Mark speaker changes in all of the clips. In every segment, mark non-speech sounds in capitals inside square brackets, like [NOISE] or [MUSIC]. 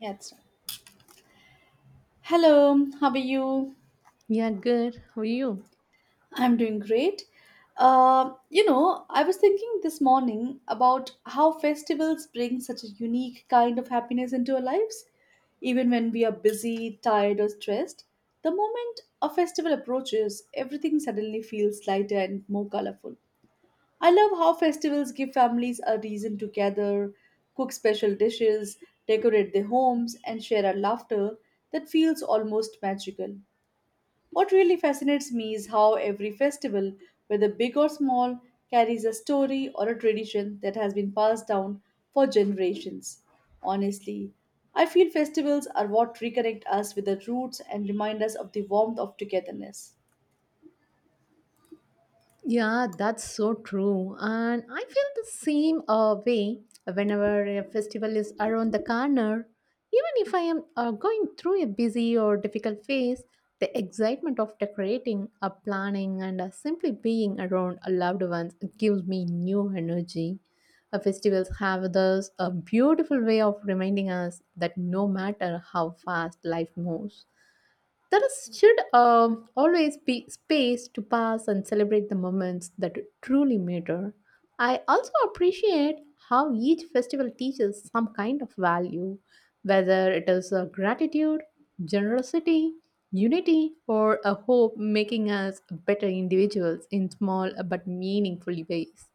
Speaker 1: Yes. Hello, how are you?
Speaker 2: Yeah, good. How are you?
Speaker 1: I'm doing great. I was thinking this morning about how festivals bring such a unique kind of happiness into our lives. Even when we are busy, tired, or stressed, the moment a festival approaches, everything suddenly feels lighter and more colorful. I love how festivals give families a reason to gather, cook special dishes, decorate their homes, and share a laughter that feels almost magical. What really fascinates me is how every festival, whether big or small, carries a story or a tradition that has been passed down for generations. Honestly, I feel festivals are what reconnect us with the roots and remind us of the warmth of togetherness.
Speaker 2: Yeah, that's so true. And I feel the same way whenever a festival is around the corner. Even if I am going through a busy or difficult phase, the excitement of decorating, planning, and simply being around loved ones gives me new energy. Festivals have thus a beautiful way of reminding us that no matter how fast life moves, there is, should always be space to pass and celebrate the moments that truly matter. I also appreciate how each festival teaches some kind of value, whether it is a gratitude, generosity, unity, or a hope, making us better individuals in small but meaningful ways.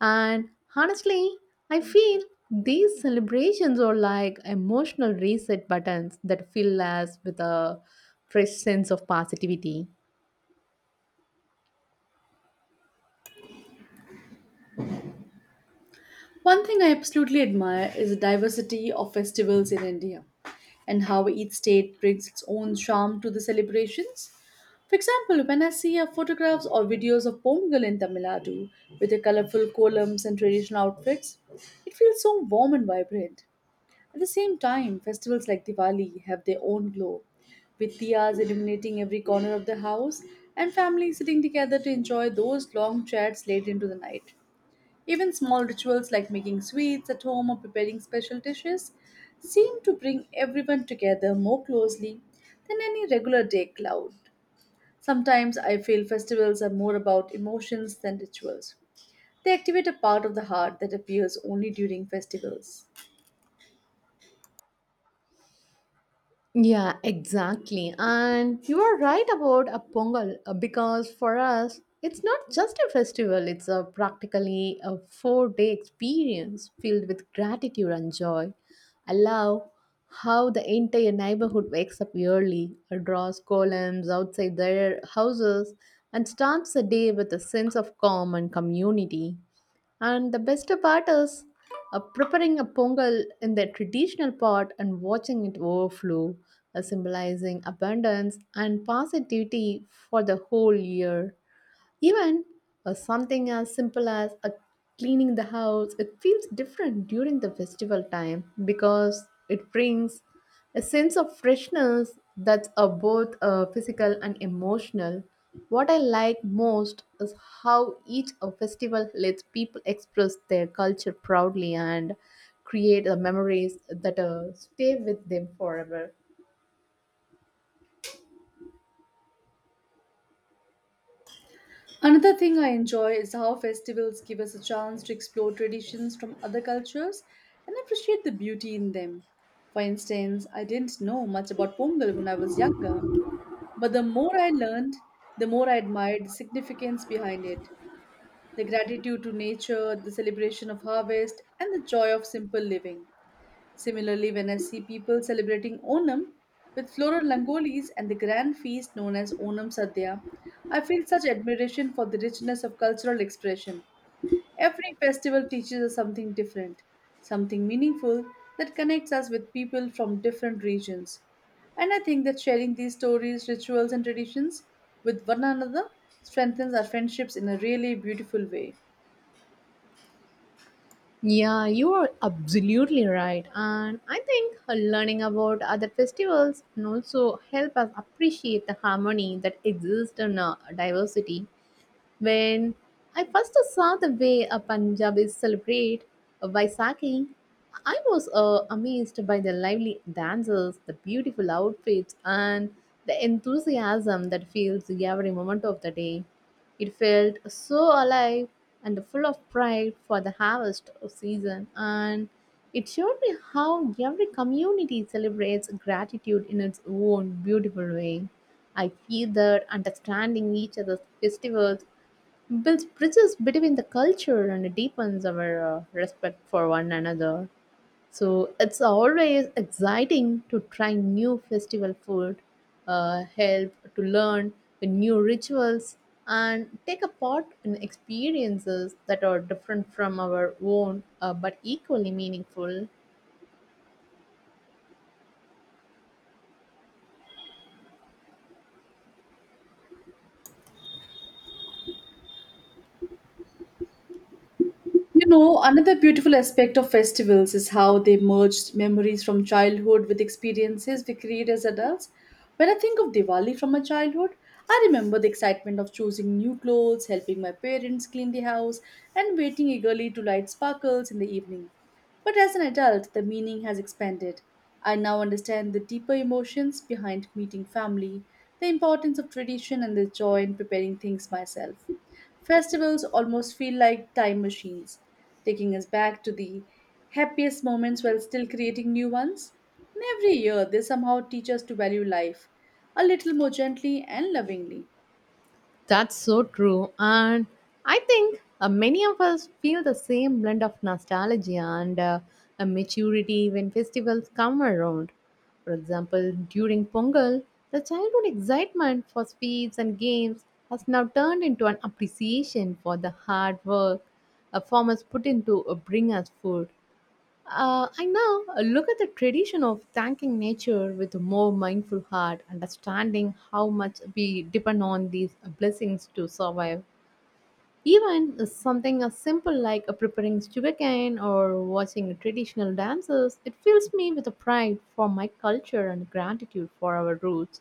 Speaker 2: And honestly, I feel these celebrations are like emotional reset buttons that fill us with a fresh sense of positivity.
Speaker 1: One thing I absolutely admire is the diversity of festivals in India and how each state brings its own charm to the celebrations. For example, when I see photographs or videos of Pongal in Tamil Nadu with the colorful columns and traditional outfits, it feels so warm and vibrant. At the same time, festivals like Diwali have their own glow, with diyas illuminating every corner of the house and families sitting together to enjoy those long chats late into the night. Even small rituals like making sweets at home or preparing special dishes seem to bring everyone together more closely than any regular day cloud. Sometimes I feel festivals are more about emotions than rituals. They activate a part of the heart that appears only during festivals.
Speaker 2: Yeah, exactly. And you are right about a Pongal, because for us, it's not just a festival, it's a practically a 4 day experience filled with gratitude and joy. I love how the entire neighborhood wakes up early, draws columns outside their houses, and starts the day with a sense of calm and community. And the best part is preparing a pongal in the traditional pot and watching it overflow, symbolizing abundance and positivity for the whole year. Even something as simple as cleaning the house, it feels different during the festival time because it brings a sense of freshness that's both physical and emotional. What I like most is how each festival lets people express their culture proudly and create memories that stay with them forever.
Speaker 1: Another thing I enjoy is how festivals give us a chance to explore traditions from other cultures and appreciate the beauty in them. For instance, I didn't know much about Pongal when I was younger, but the more I learned, the more I admired the significance behind it, the gratitude to nature, the celebration of harvest, and the joy of simple living. Similarly, when I see people celebrating Onam with floral langolis and the grand feast known as Onam Sadhya, I feel such admiration for the richness of cultural expression. Every festival teaches us something different, something meaningful that connects us with people from different regions. And I think that sharing these stories, rituals, and traditions with one another strengthens our friendships in a really beautiful way.
Speaker 2: Yeah, you are absolutely right. And I think learning about other festivals can also help us appreciate the harmony that exists in diversity. When I first saw the way a Punjabis celebrate Vaisakhi, I was amazed by the lively dances, the beautiful outfits, and the enthusiasm that fills every moment of the day. It felt so alive and full of pride for the harvest season, and it showed me how every community celebrates gratitude in its own beautiful way. I feel that understanding each other's festivals builds bridges between the culture and deepens our respect for one another. So it's always exciting to try new festival food, help to learn the new rituals, and take a part in experiences that are different from our own but equally meaningful.
Speaker 1: You know, another beautiful aspect of festivals is how they merged memories from childhood with experiences we create as adults. When I think of Diwali from my childhood, I remember the excitement of choosing new clothes, helping my parents clean the house, and waiting eagerly to light sparkles in the evening. But as an adult, the meaning has expanded. I now understand the deeper emotions behind meeting family, the importance of tradition, and the joy in preparing things myself. Festivals almost feel like time machines, taking us back to the happiest moments while still creating new ones. And every year, they somehow teach us to value life a little more gently and lovingly.
Speaker 2: That's so true. And I think many of us feel the same blend of nostalgia and, a maturity when festivals come around. For example, during Pongal, the childhood excitement for sweets and games has now turned into an appreciation for the hard work a farmers put into, bring us food. I now look at the tradition of thanking nature with a more mindful heart, understanding how much we depend on these blessings to survive. Even something as simple like preparing sugarcane or watching traditional dances, it fills me with a pride for my culture and gratitude for our roots.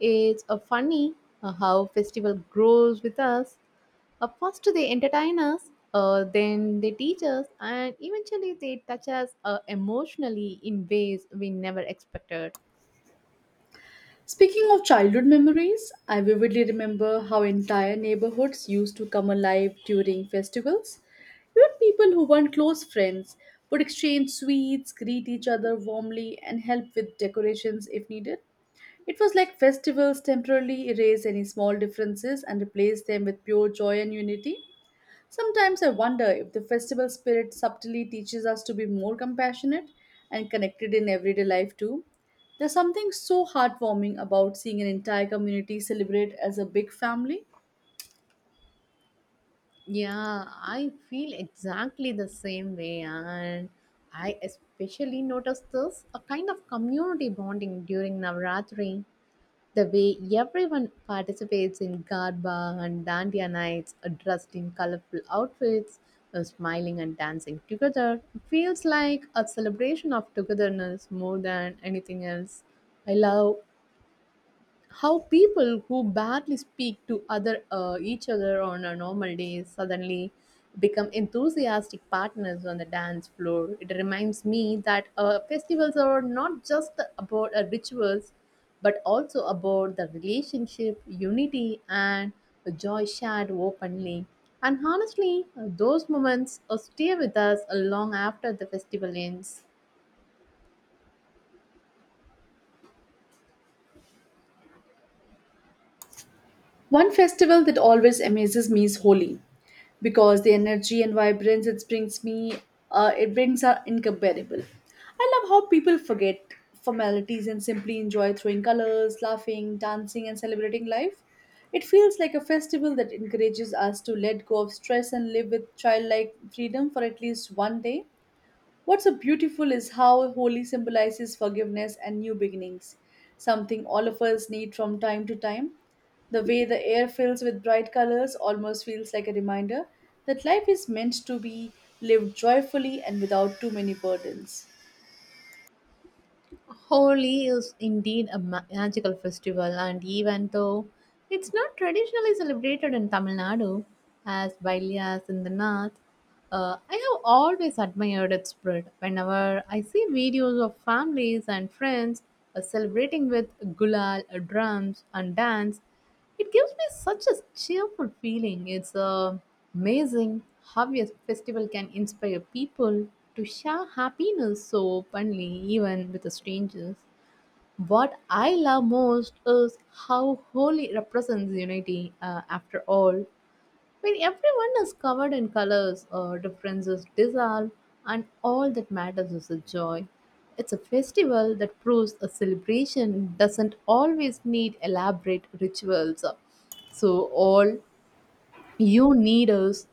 Speaker 2: It's a funny how festival grows with us. First they entertain us, then they teach us, and eventually they touch us emotionally in ways we never expected.
Speaker 1: Speaking of childhood memories, I vividly remember how entire neighborhoods used to come alive during festivals. Even people who weren't close friends would exchange sweets, greet each other warmly, and help with decorations if needed. It was like festivals temporarily erase any small differences and replace them with pure joy and unity. Sometimes I wonder if the festival spirit subtly teaches us to be more compassionate and connected in everyday life too. There's something so heartwarming about seeing an entire community celebrate as a big family.
Speaker 2: Yeah, I feel exactly the same way, and I especially noticed this a kind of community bonding during Navratri. The way everyone participates in Garba and Dandiya nights, dressed in colorful outfits, smiling and dancing together, feels like a celebration of togetherness more than anything else. I love how people who barely speak to other each other on a normal day suddenly become enthusiastic partners on the dance floor. It reminds me that festivals are not just about rituals, but also about the relationship, unity, and the joy shared openly and honestly. Those moments stay with us long after the festival ends.
Speaker 1: One festival that always amazes me is Holi because the energy and vibrance it brings are incomparable. I love how people forget formalities and simply enjoy throwing colors, laughing, dancing and celebrating life. It feels like a festival that encourages us to let go of stress and live with childlike freedom for at least one day. What's so beautiful is how holy symbolizes forgiveness and new beginnings, something all of us need from time to time. The way the air fills with bright colors almost feels like a reminder that life is meant to be lived joyfully and without too many burdens.
Speaker 2: Holi is indeed a magical festival, and even though it's not traditionally celebrated in Tamil Nadu as Bailias in the north, I have always admired its spirit. Whenever I see videos of families and friends celebrating with gulal, drums, and dance, it gives me such a cheerful feeling. It's amazing how a festival can inspire people to share happiness so openly, even with the strangers. What I love most is how Holi represents unity after all. When everyone is covered in colors, differences dissolve, and all that matters is the joy. It's a festival that proves a celebration doesn't always need elaborate rituals. So, all you need is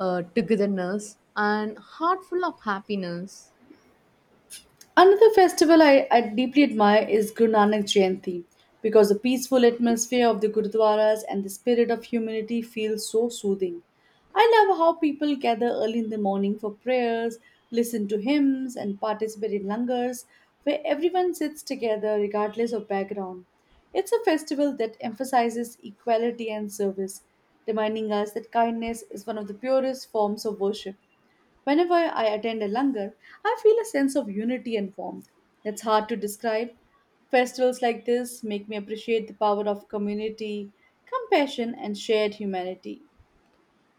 Speaker 2: togetherness and heart full of happiness.
Speaker 1: Another festival I deeply admire is Guru Nanak Jayanti because the peaceful atmosphere of the gurdwaras and the spirit of humanity feels so soothing. I love how people gather early in the morning for prayers, listen to hymns, and participate in langars where everyone sits together regardless of background. It's a festival that emphasizes equality and service, reminding us that kindness is one of the purest forms of worship. Whenever I attend a langar, I feel a sense of unity and warmth that's hard to describe. Festivals like this make me appreciate the power of community, compassion, and shared humanity.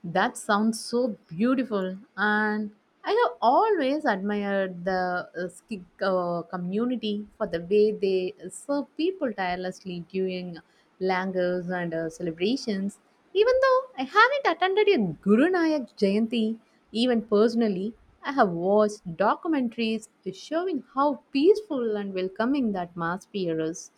Speaker 2: That sounds so beautiful, and I have always admired the ski community for the way they serve people tirelessly during langars and celebrations. Even though I haven't attended a Guru Nanak Jayanti, even personally, I have watched documentaries showing how peaceful and welcoming the atmosphere is.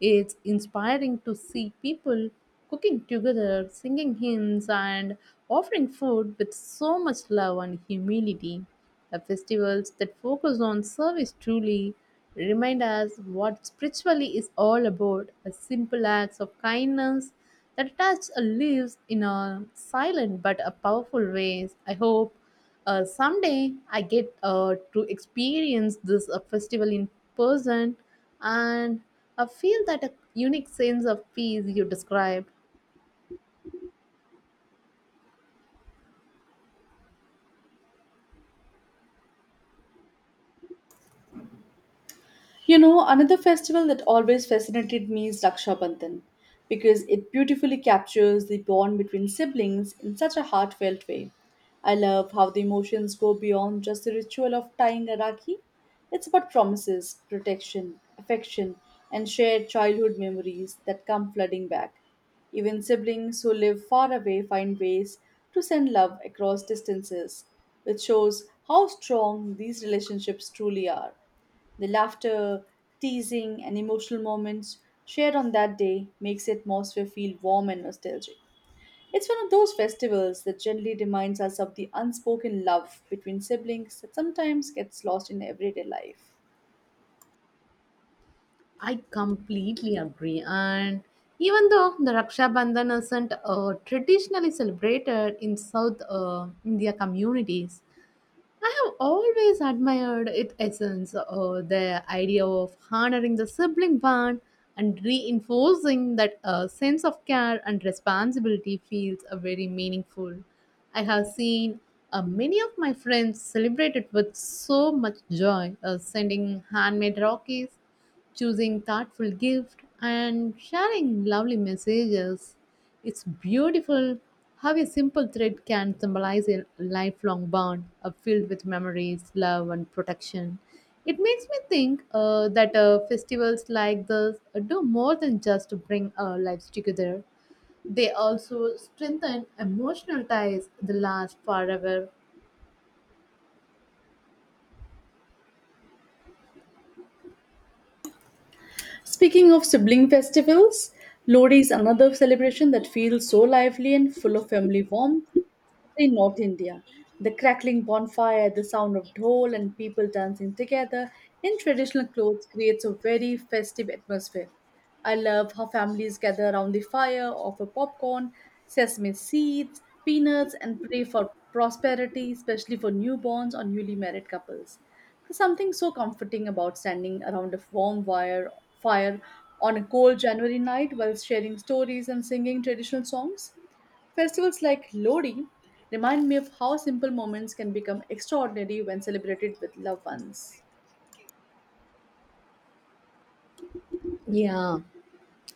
Speaker 2: It's inspiring to see people cooking together, singing hymns, and offering food with so much love and humility. The festivals that focus on service truly remind us what spiritually is all about, a simple acts of kindness that touch our lives in a silent but a powerful ways. I hope someday I get to experience this festival in person, and I feel that a unique sense of peace you described.
Speaker 1: You know, another festival that always fascinated me is Raksha Bandhan because it beautifully captures the bond between siblings in such a heartfelt way. I love how the emotions go beyond just the ritual of tying a rakhi. It's about promises, protection, affection, and shared childhood memories that come flooding back. Even siblings who live far away find ways to send love across distances, which shows how strong these relationships truly are. The laughter, teasing, and emotional moments shared on that day makes the atmosphere feel warm and nostalgic. It's one of those festivals that generally reminds us of the unspoken love between siblings that sometimes gets lost in everyday life.
Speaker 2: I completely agree. And even though the Raksha Bandhan isn't traditionally celebrated in South India communities, I have always admired its essence, the idea of honoring the sibling bond and reinforcing that a sense of care and responsibility feels very meaningful. I have seen many of my friends celebrate it with so much joy, sending handmade rockies, choosing thoughtful gift and sharing lovely messages. It's beautiful how a simple thread can symbolize a lifelong bond filled with memories, love and protection. It makes me think that festivals like this do more than just bring our lives together. They also strengthen emotional ties that last forever.
Speaker 1: Speaking of sibling festivals, Lodi is another celebration that feels so lively and full of family warmth in North India. The crackling bonfire, the sound of dhol, and people dancing together in traditional clothes creates a very festive atmosphere. I love how families gather around the fire, offer popcorn, sesame seeds, peanuts, and pray for prosperity, especially for newborns or newly married couples. There's something so comforting about standing around a fire on a cold January night while sharing stories and singing traditional songs. Festivals like Lodi remind me of how simple moments can become extraordinary when celebrated with loved ones.
Speaker 2: Yeah,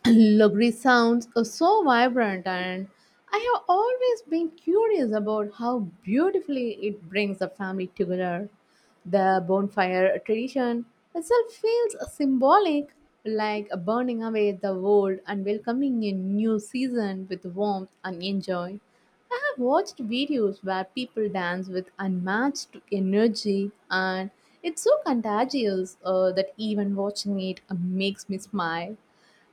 Speaker 2: Lugri sounds are so vibrant, and I have always been curious about how beautifully it brings the family together. The bonfire tradition itself feels symbolic, like burning away the old and welcoming a new season with warmth and enjoy. I have watched videos where people dance with unmatched energy, and it's so contagious that even watching it makes me smile.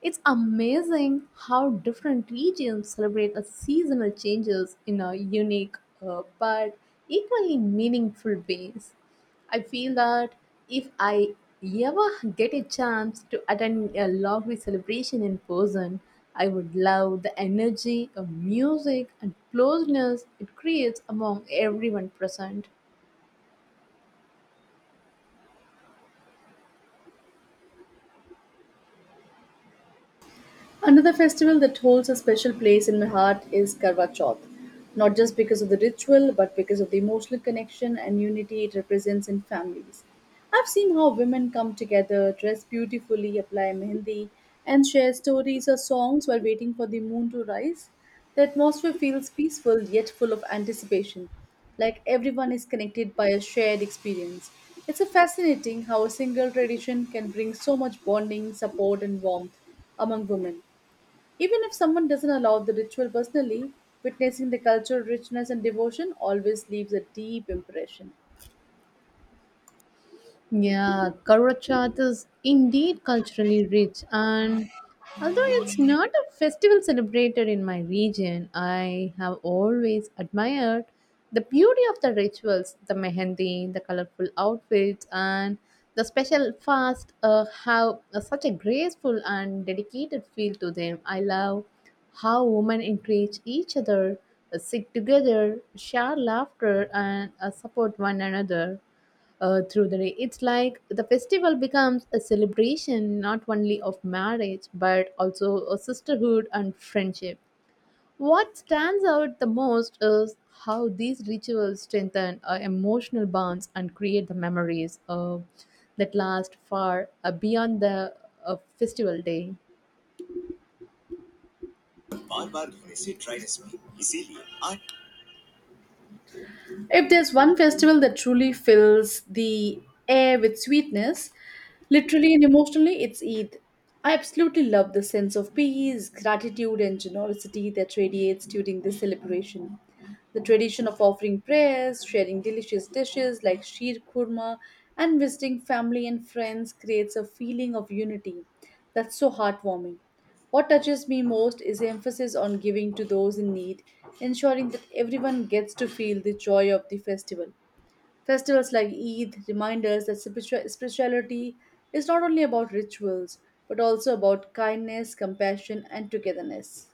Speaker 2: It's amazing how different regions celebrate the seasonal changes in a unique but equally meaningful ways. I feel that if I ever get a chance to attend a lovely celebration in person, I would love the energy of music and closeness it creates among everyone present.
Speaker 1: Another festival that holds a special place in my heart is Karwa Chauth, not just because of the ritual, but because of the emotional connection and unity it represents in families. I've seen how women come together, dress beautifully, apply mehendi, and share stories or songs while waiting for the moon to rise. The atmosphere feels peaceful yet full of anticipation, like everyone is connected by a shared experience. It's a fascinating how a single tradition can bring so much bonding, support, and warmth among women. Even if someone doesn't allow the ritual personally, witnessing the cultural richness and devotion always leaves a deep impression.
Speaker 2: Yeah, Karwa Chauth is indeed culturally rich, and although it's not a festival celebrated in my region, I have always admired the beauty of the rituals, the mehendi, the colorful outfits, and the special fast have such a graceful and dedicated feel to them. I love how women encourage each other, sit together, share laughter, and support one another through the day. It's like the festival becomes a celebration not only of marriage but also a sisterhood and friendship. What stands out the most is how these rituals strengthen emotional bonds and create the memories that last far beyond the festival day.
Speaker 1: If there's one festival that truly fills the air with sweetness, literally and emotionally, it's Eid. I absolutely love the sense of peace, gratitude, and generosity that radiates during this celebration. The tradition of offering prayers, sharing delicious dishes like sheer kurma, and visiting family and friends creates a feeling of unity that's so heartwarming. What touches me most is the emphasis on giving to those in need, ensuring that everyone gets to feel the joy of the festival. Festivals like Eid remind us that spirituality is not only about rituals, but also about kindness, compassion, and togetherness.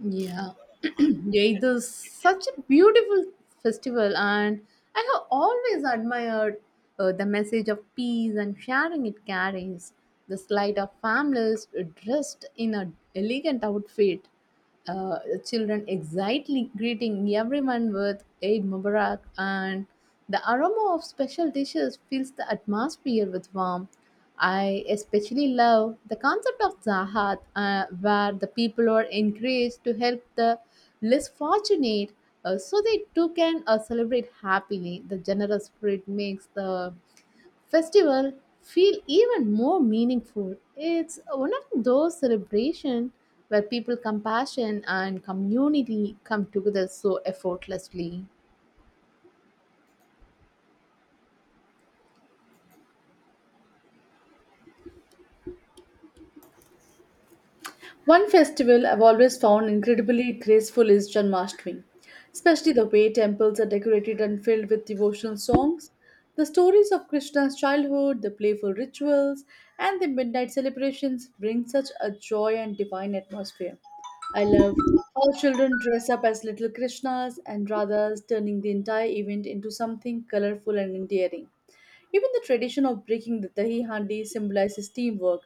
Speaker 2: Yeah, [CLEARS THROAT] yeah, it is such a beautiful festival, and I have always admired the message of peace and sharing it carries. The sight of families dressed in an elegant outfit, the children excitedly greeting everyone with Eid Mubarak, and the aroma of special dishes fills the atmosphere with warmth. I especially love the concept of Zahat, where the people are encouraged to help the less fortunate so they too can celebrate happily. The generous spirit makes the festival feel even more meaningful. It's one of those celebrations where people, compassion, and community come together so effortlessly.
Speaker 1: One festival I've always found incredibly graceful is Janmashtami, especially the way temples are decorated and filled with devotional songs. The stories of Krishna's childhood, the playful rituals, and the midnight celebrations bring such a joy and divine atmosphere. I love how children dress up as little Krishnas and Radhas, turning the entire event into something colorful and endearing. Even the tradition of breaking the dahi handi symbolizes teamwork,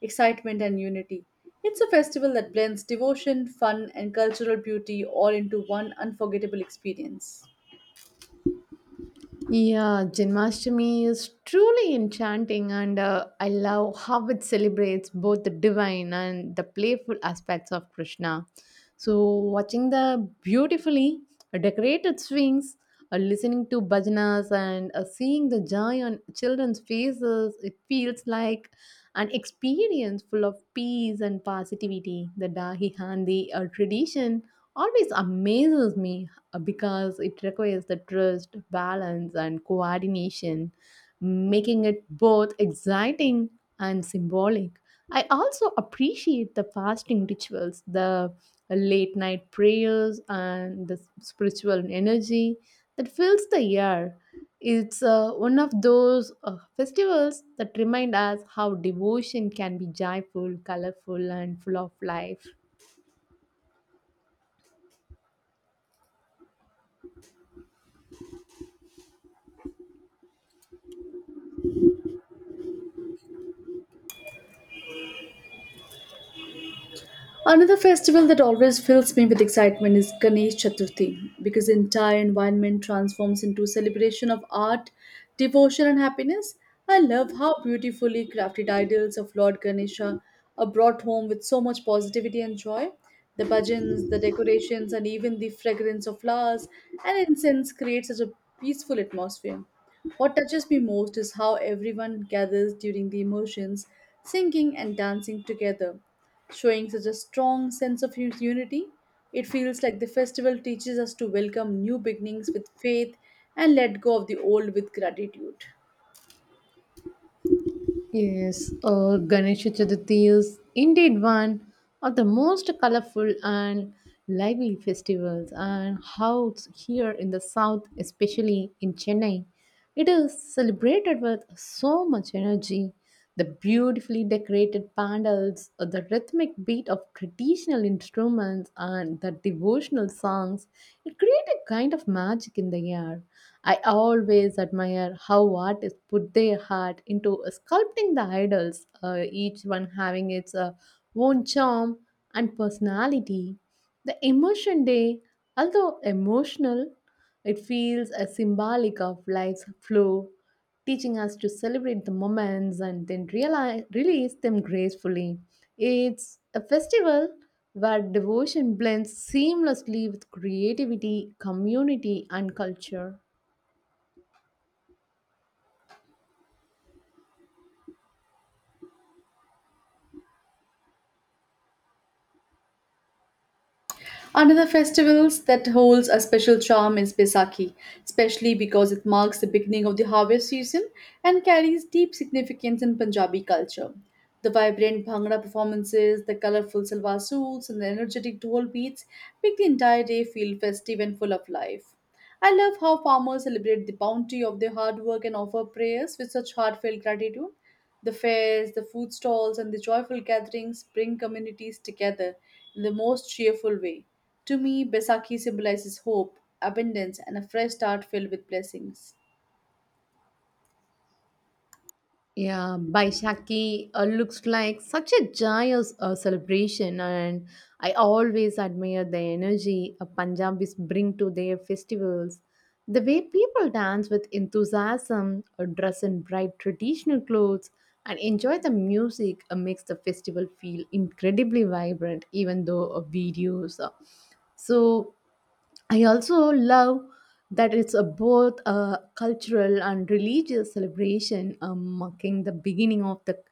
Speaker 1: excitement, and unity. It's a festival that blends devotion, fun, and cultural beauty all into one unforgettable experience.
Speaker 2: Yeah, Janmashtami is truly enchanting, and I love how it celebrates both the divine and the playful aspects of Krishna. So, watching the beautifully decorated swings, listening to bhajanas, and seeing the joy on children's faces, it feels like an experience full of peace and positivity. The Dahi Handi tradition always amazes me because it requires the trust, balance, and coordination, making it both exciting and symbolic. I also appreciate the fasting rituals, the late night prayers, and the spiritual energy that fills the air. It's one of those festivals that remind us how devotion can be joyful, colorful, and full of life.
Speaker 1: Another festival that always fills me with excitement is Ganesh Chaturthi because the entire environment transforms into a celebration of art, devotion, and happiness. I love how beautifully crafted idols of Lord Ganesha are brought home with so much positivity and joy. The bhajans, the decorations, and even the fragrance of flowers and incense create such a peaceful atmosphere. What touches me most is how everyone gathers during the emotions, singing and dancing together, showing such a strong sense of unity. It feels like the festival teaches us to welcome new beginnings with faith and let go of the old with gratitude.
Speaker 2: Yes, Ganesh Chaturthi is indeed one of the most colorful and lively festivals, and how it's here in the south, especially in Chennai, it is celebrated with so much energy. The beautifully decorated pandals, the rhythmic beat of traditional instruments, and the devotional songs, it creates a kind of magic in the air. I always admire how artists put their heart into sculpting the idols, each one having its own charm and personality. The emotion day, although emotional, it feels a symbolic of life's flow teaching us to celebrate the moments and then release them gracefully. It's a festival where devotion blends seamlessly with creativity, community, and culture.
Speaker 1: Another festival that holds a special charm is Besaki, especially because it marks the beginning of the harvest season and carries deep significance in Punjabi culture. The vibrant Bhangra performances, the colorful salwar suits, and the energetic dhol beats make the entire day feel festive and full of life. I love how farmers celebrate the bounty of their hard work and offer prayers with such heartfelt gratitude. The fairs, the food stalls, and the joyful gatherings bring communities together in the most cheerful way. To me, Besaki symbolizes hope, abundance, and a fresh start filled with blessings.
Speaker 2: Yeah, Baishakhi looks like such a joyous celebration, and I always admire the energy Punjabis bring to their festivals. The way people dance with enthusiasm, dress in bright traditional clothes, and enjoy the music makes the festival feel incredibly vibrant, even though videos. So I also love that it's a both a cultural and religious celebration marking the beginning of the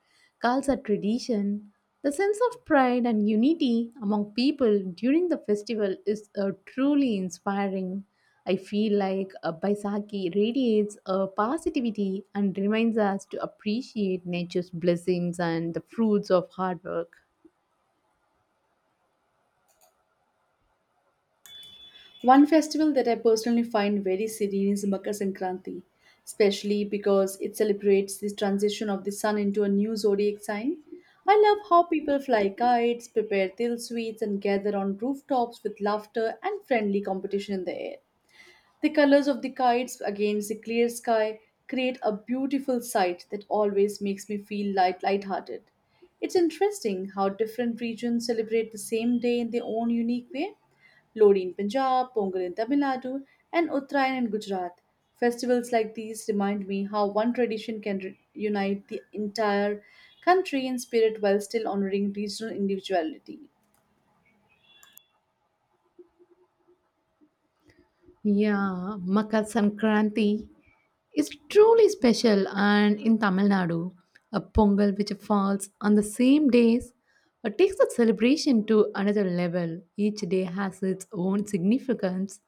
Speaker 2: Khalsa tradition. The sense of pride and unity among people during the festival is truly inspiring. I feel like Baisakhi radiates positivity and reminds us to appreciate nature's blessings and the fruits of hard work.
Speaker 1: One festival that I personally find very serene is Makar Sankranti, especially because it celebrates the transition of the sun into a new zodiac sign. I love how people fly kites, prepare til sweets, and gather on rooftops with laughter and friendly competition in the air. The colors of the kites against the clear sky create a beautiful sight that always makes me feel lighthearted. It's interesting how different regions celebrate the same day in their own unique way. Lodi in Punjab, Pongal in Tamil Nadu, and Uttarayan in Gujarat. Festivals like these remind me how one tradition can unite the entire country in spirit while still honoring regional individuality.
Speaker 2: Yeah, Makar Sankranti is truly special, and in Tamil Nadu, a Pongal which falls on the same days takes the celebration to another level. Each day has its own significance,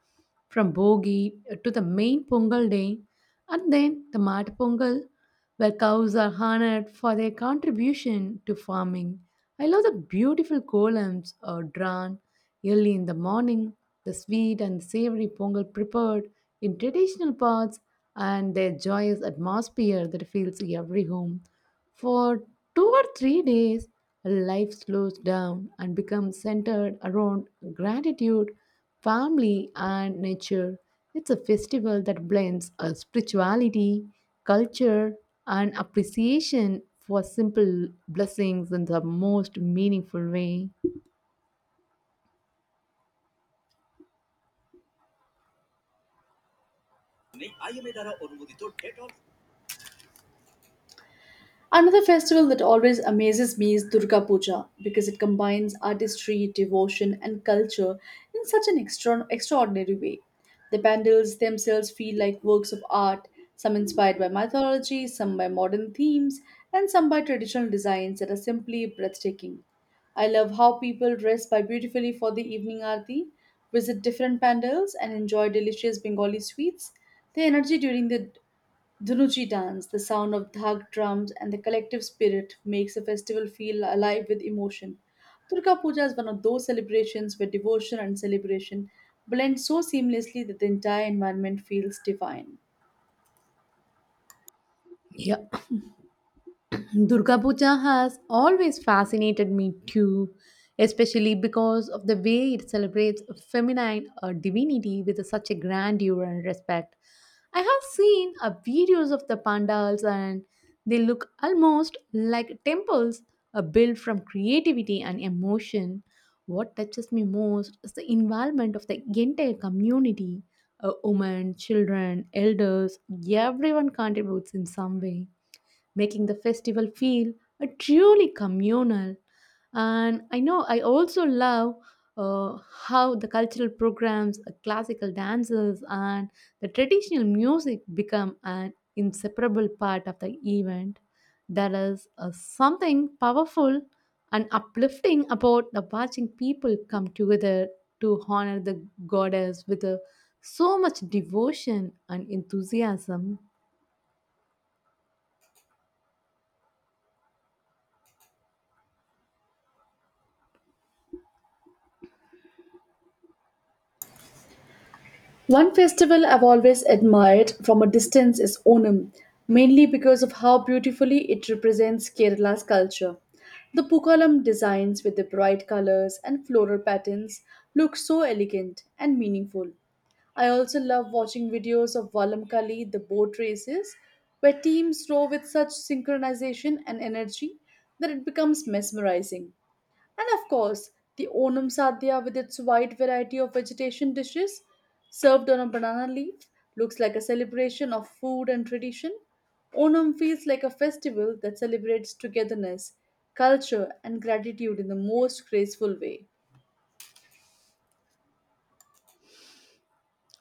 Speaker 2: from Bogi to the main Pongal day, and then the Mat Pongal where cows are honored for their contribution to farming. I love the beautiful columns are drawn early in the morning, the sweet and savory pongal prepared in traditional pots, and their joyous atmosphere that fills every home. For 2 or 3 days, life slows down and becomes centered around gratitude family and nature. It's a festival that blends a spirituality, culture, and appreciation for simple blessings in the most meaningful way.
Speaker 1: Another festival that always amazes me is Durga Puja because it combines artistry, devotion, and culture in such an extraordinary way. The pandals themselves feel like works of art, some inspired by mythology, some by modern themes, and some by traditional designs that are simply breathtaking. I love how people dress by beautifully for the evening aarti, visit different pandals, and enjoy delicious Bengali sweets. The energy during the Dhunuchi dance, the sound of dhak drums, and the collective spirit makes the festival feel alive with emotion. Durga Puja is one of those celebrations where devotion and celebration blend so seamlessly that the entire environment feels divine.
Speaker 2: Yeah, Durga Puja has always fascinated me too, especially because of the way it celebrates feminine divinity with such a grandeur and respect. I have seen videos of the pandals and they look almost like temples built from creativity and emotion. What touches me most is the involvement of the entire community, women, children, elders, everyone contributes in some way making the festival feel truly communal. And I know I also love uh, how the cultural programs, classical dances, and the traditional music become an inseparable part of the event. There is something powerful and uplifting about the watching people come together to honor the goddess with so much devotion and enthusiasm.
Speaker 1: One festival I've always admired from a distance is Onam, mainly because of how beautifully it represents Kerala's culture. The Pukalam designs with the bright colors and floral patterns look so elegant and meaningful. I also love watching videos of Valamkali, the boat races, where teams row with such synchronization and energy that it becomes mesmerizing. And of course, the Onam Sadhya with its wide variety of vegetation dishes served on a banana leaf looks like a celebration of food and tradition. Onam feels like a festival that celebrates togetherness, culture, and gratitude in the most graceful way.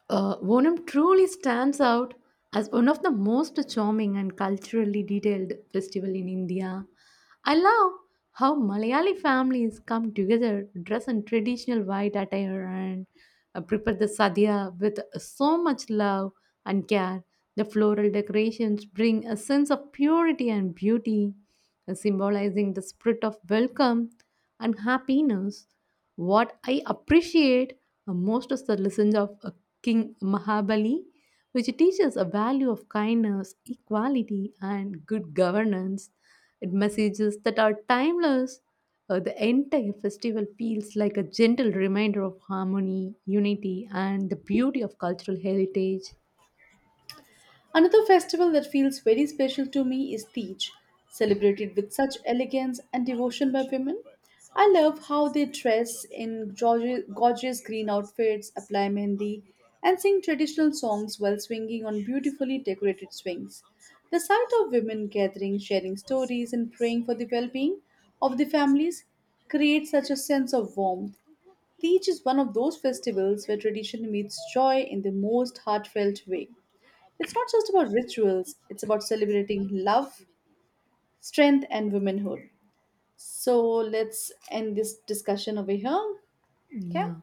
Speaker 2: Onam truly stands out as one of the most charming and culturally detailed festival in India. I love how Malayali families come together, dress in traditional white attire, and prepare the sadhya with so much love and care. The floral decorations bring a sense of purity and beauty, symbolizing the spirit of welcome and happiness. What I appreciate Most of the lessons of King Mahabali, which teaches a value of kindness, equality, and good governance. It messages that are timeless. The entire festival feels like a gentle reminder of harmony, unity, and the beauty of cultural heritage.
Speaker 1: Another festival that feels very special to me is Teej, celebrated with such elegance and devotion by women. I love how they dress in gorgeous, gorgeous green outfits, apply mehndi, and sing traditional songs while swinging on beautifully decorated swings. The sight of women gathering, sharing stories, and praying for the well being of the families creates such a sense of warmth. Teej is one of those festivals where tradition meets joy in the most heartfelt way. It's not just about rituals, it's about celebrating love, strength, and womanhood. So let's end this discussion over here. Okay.
Speaker 2: Yeah.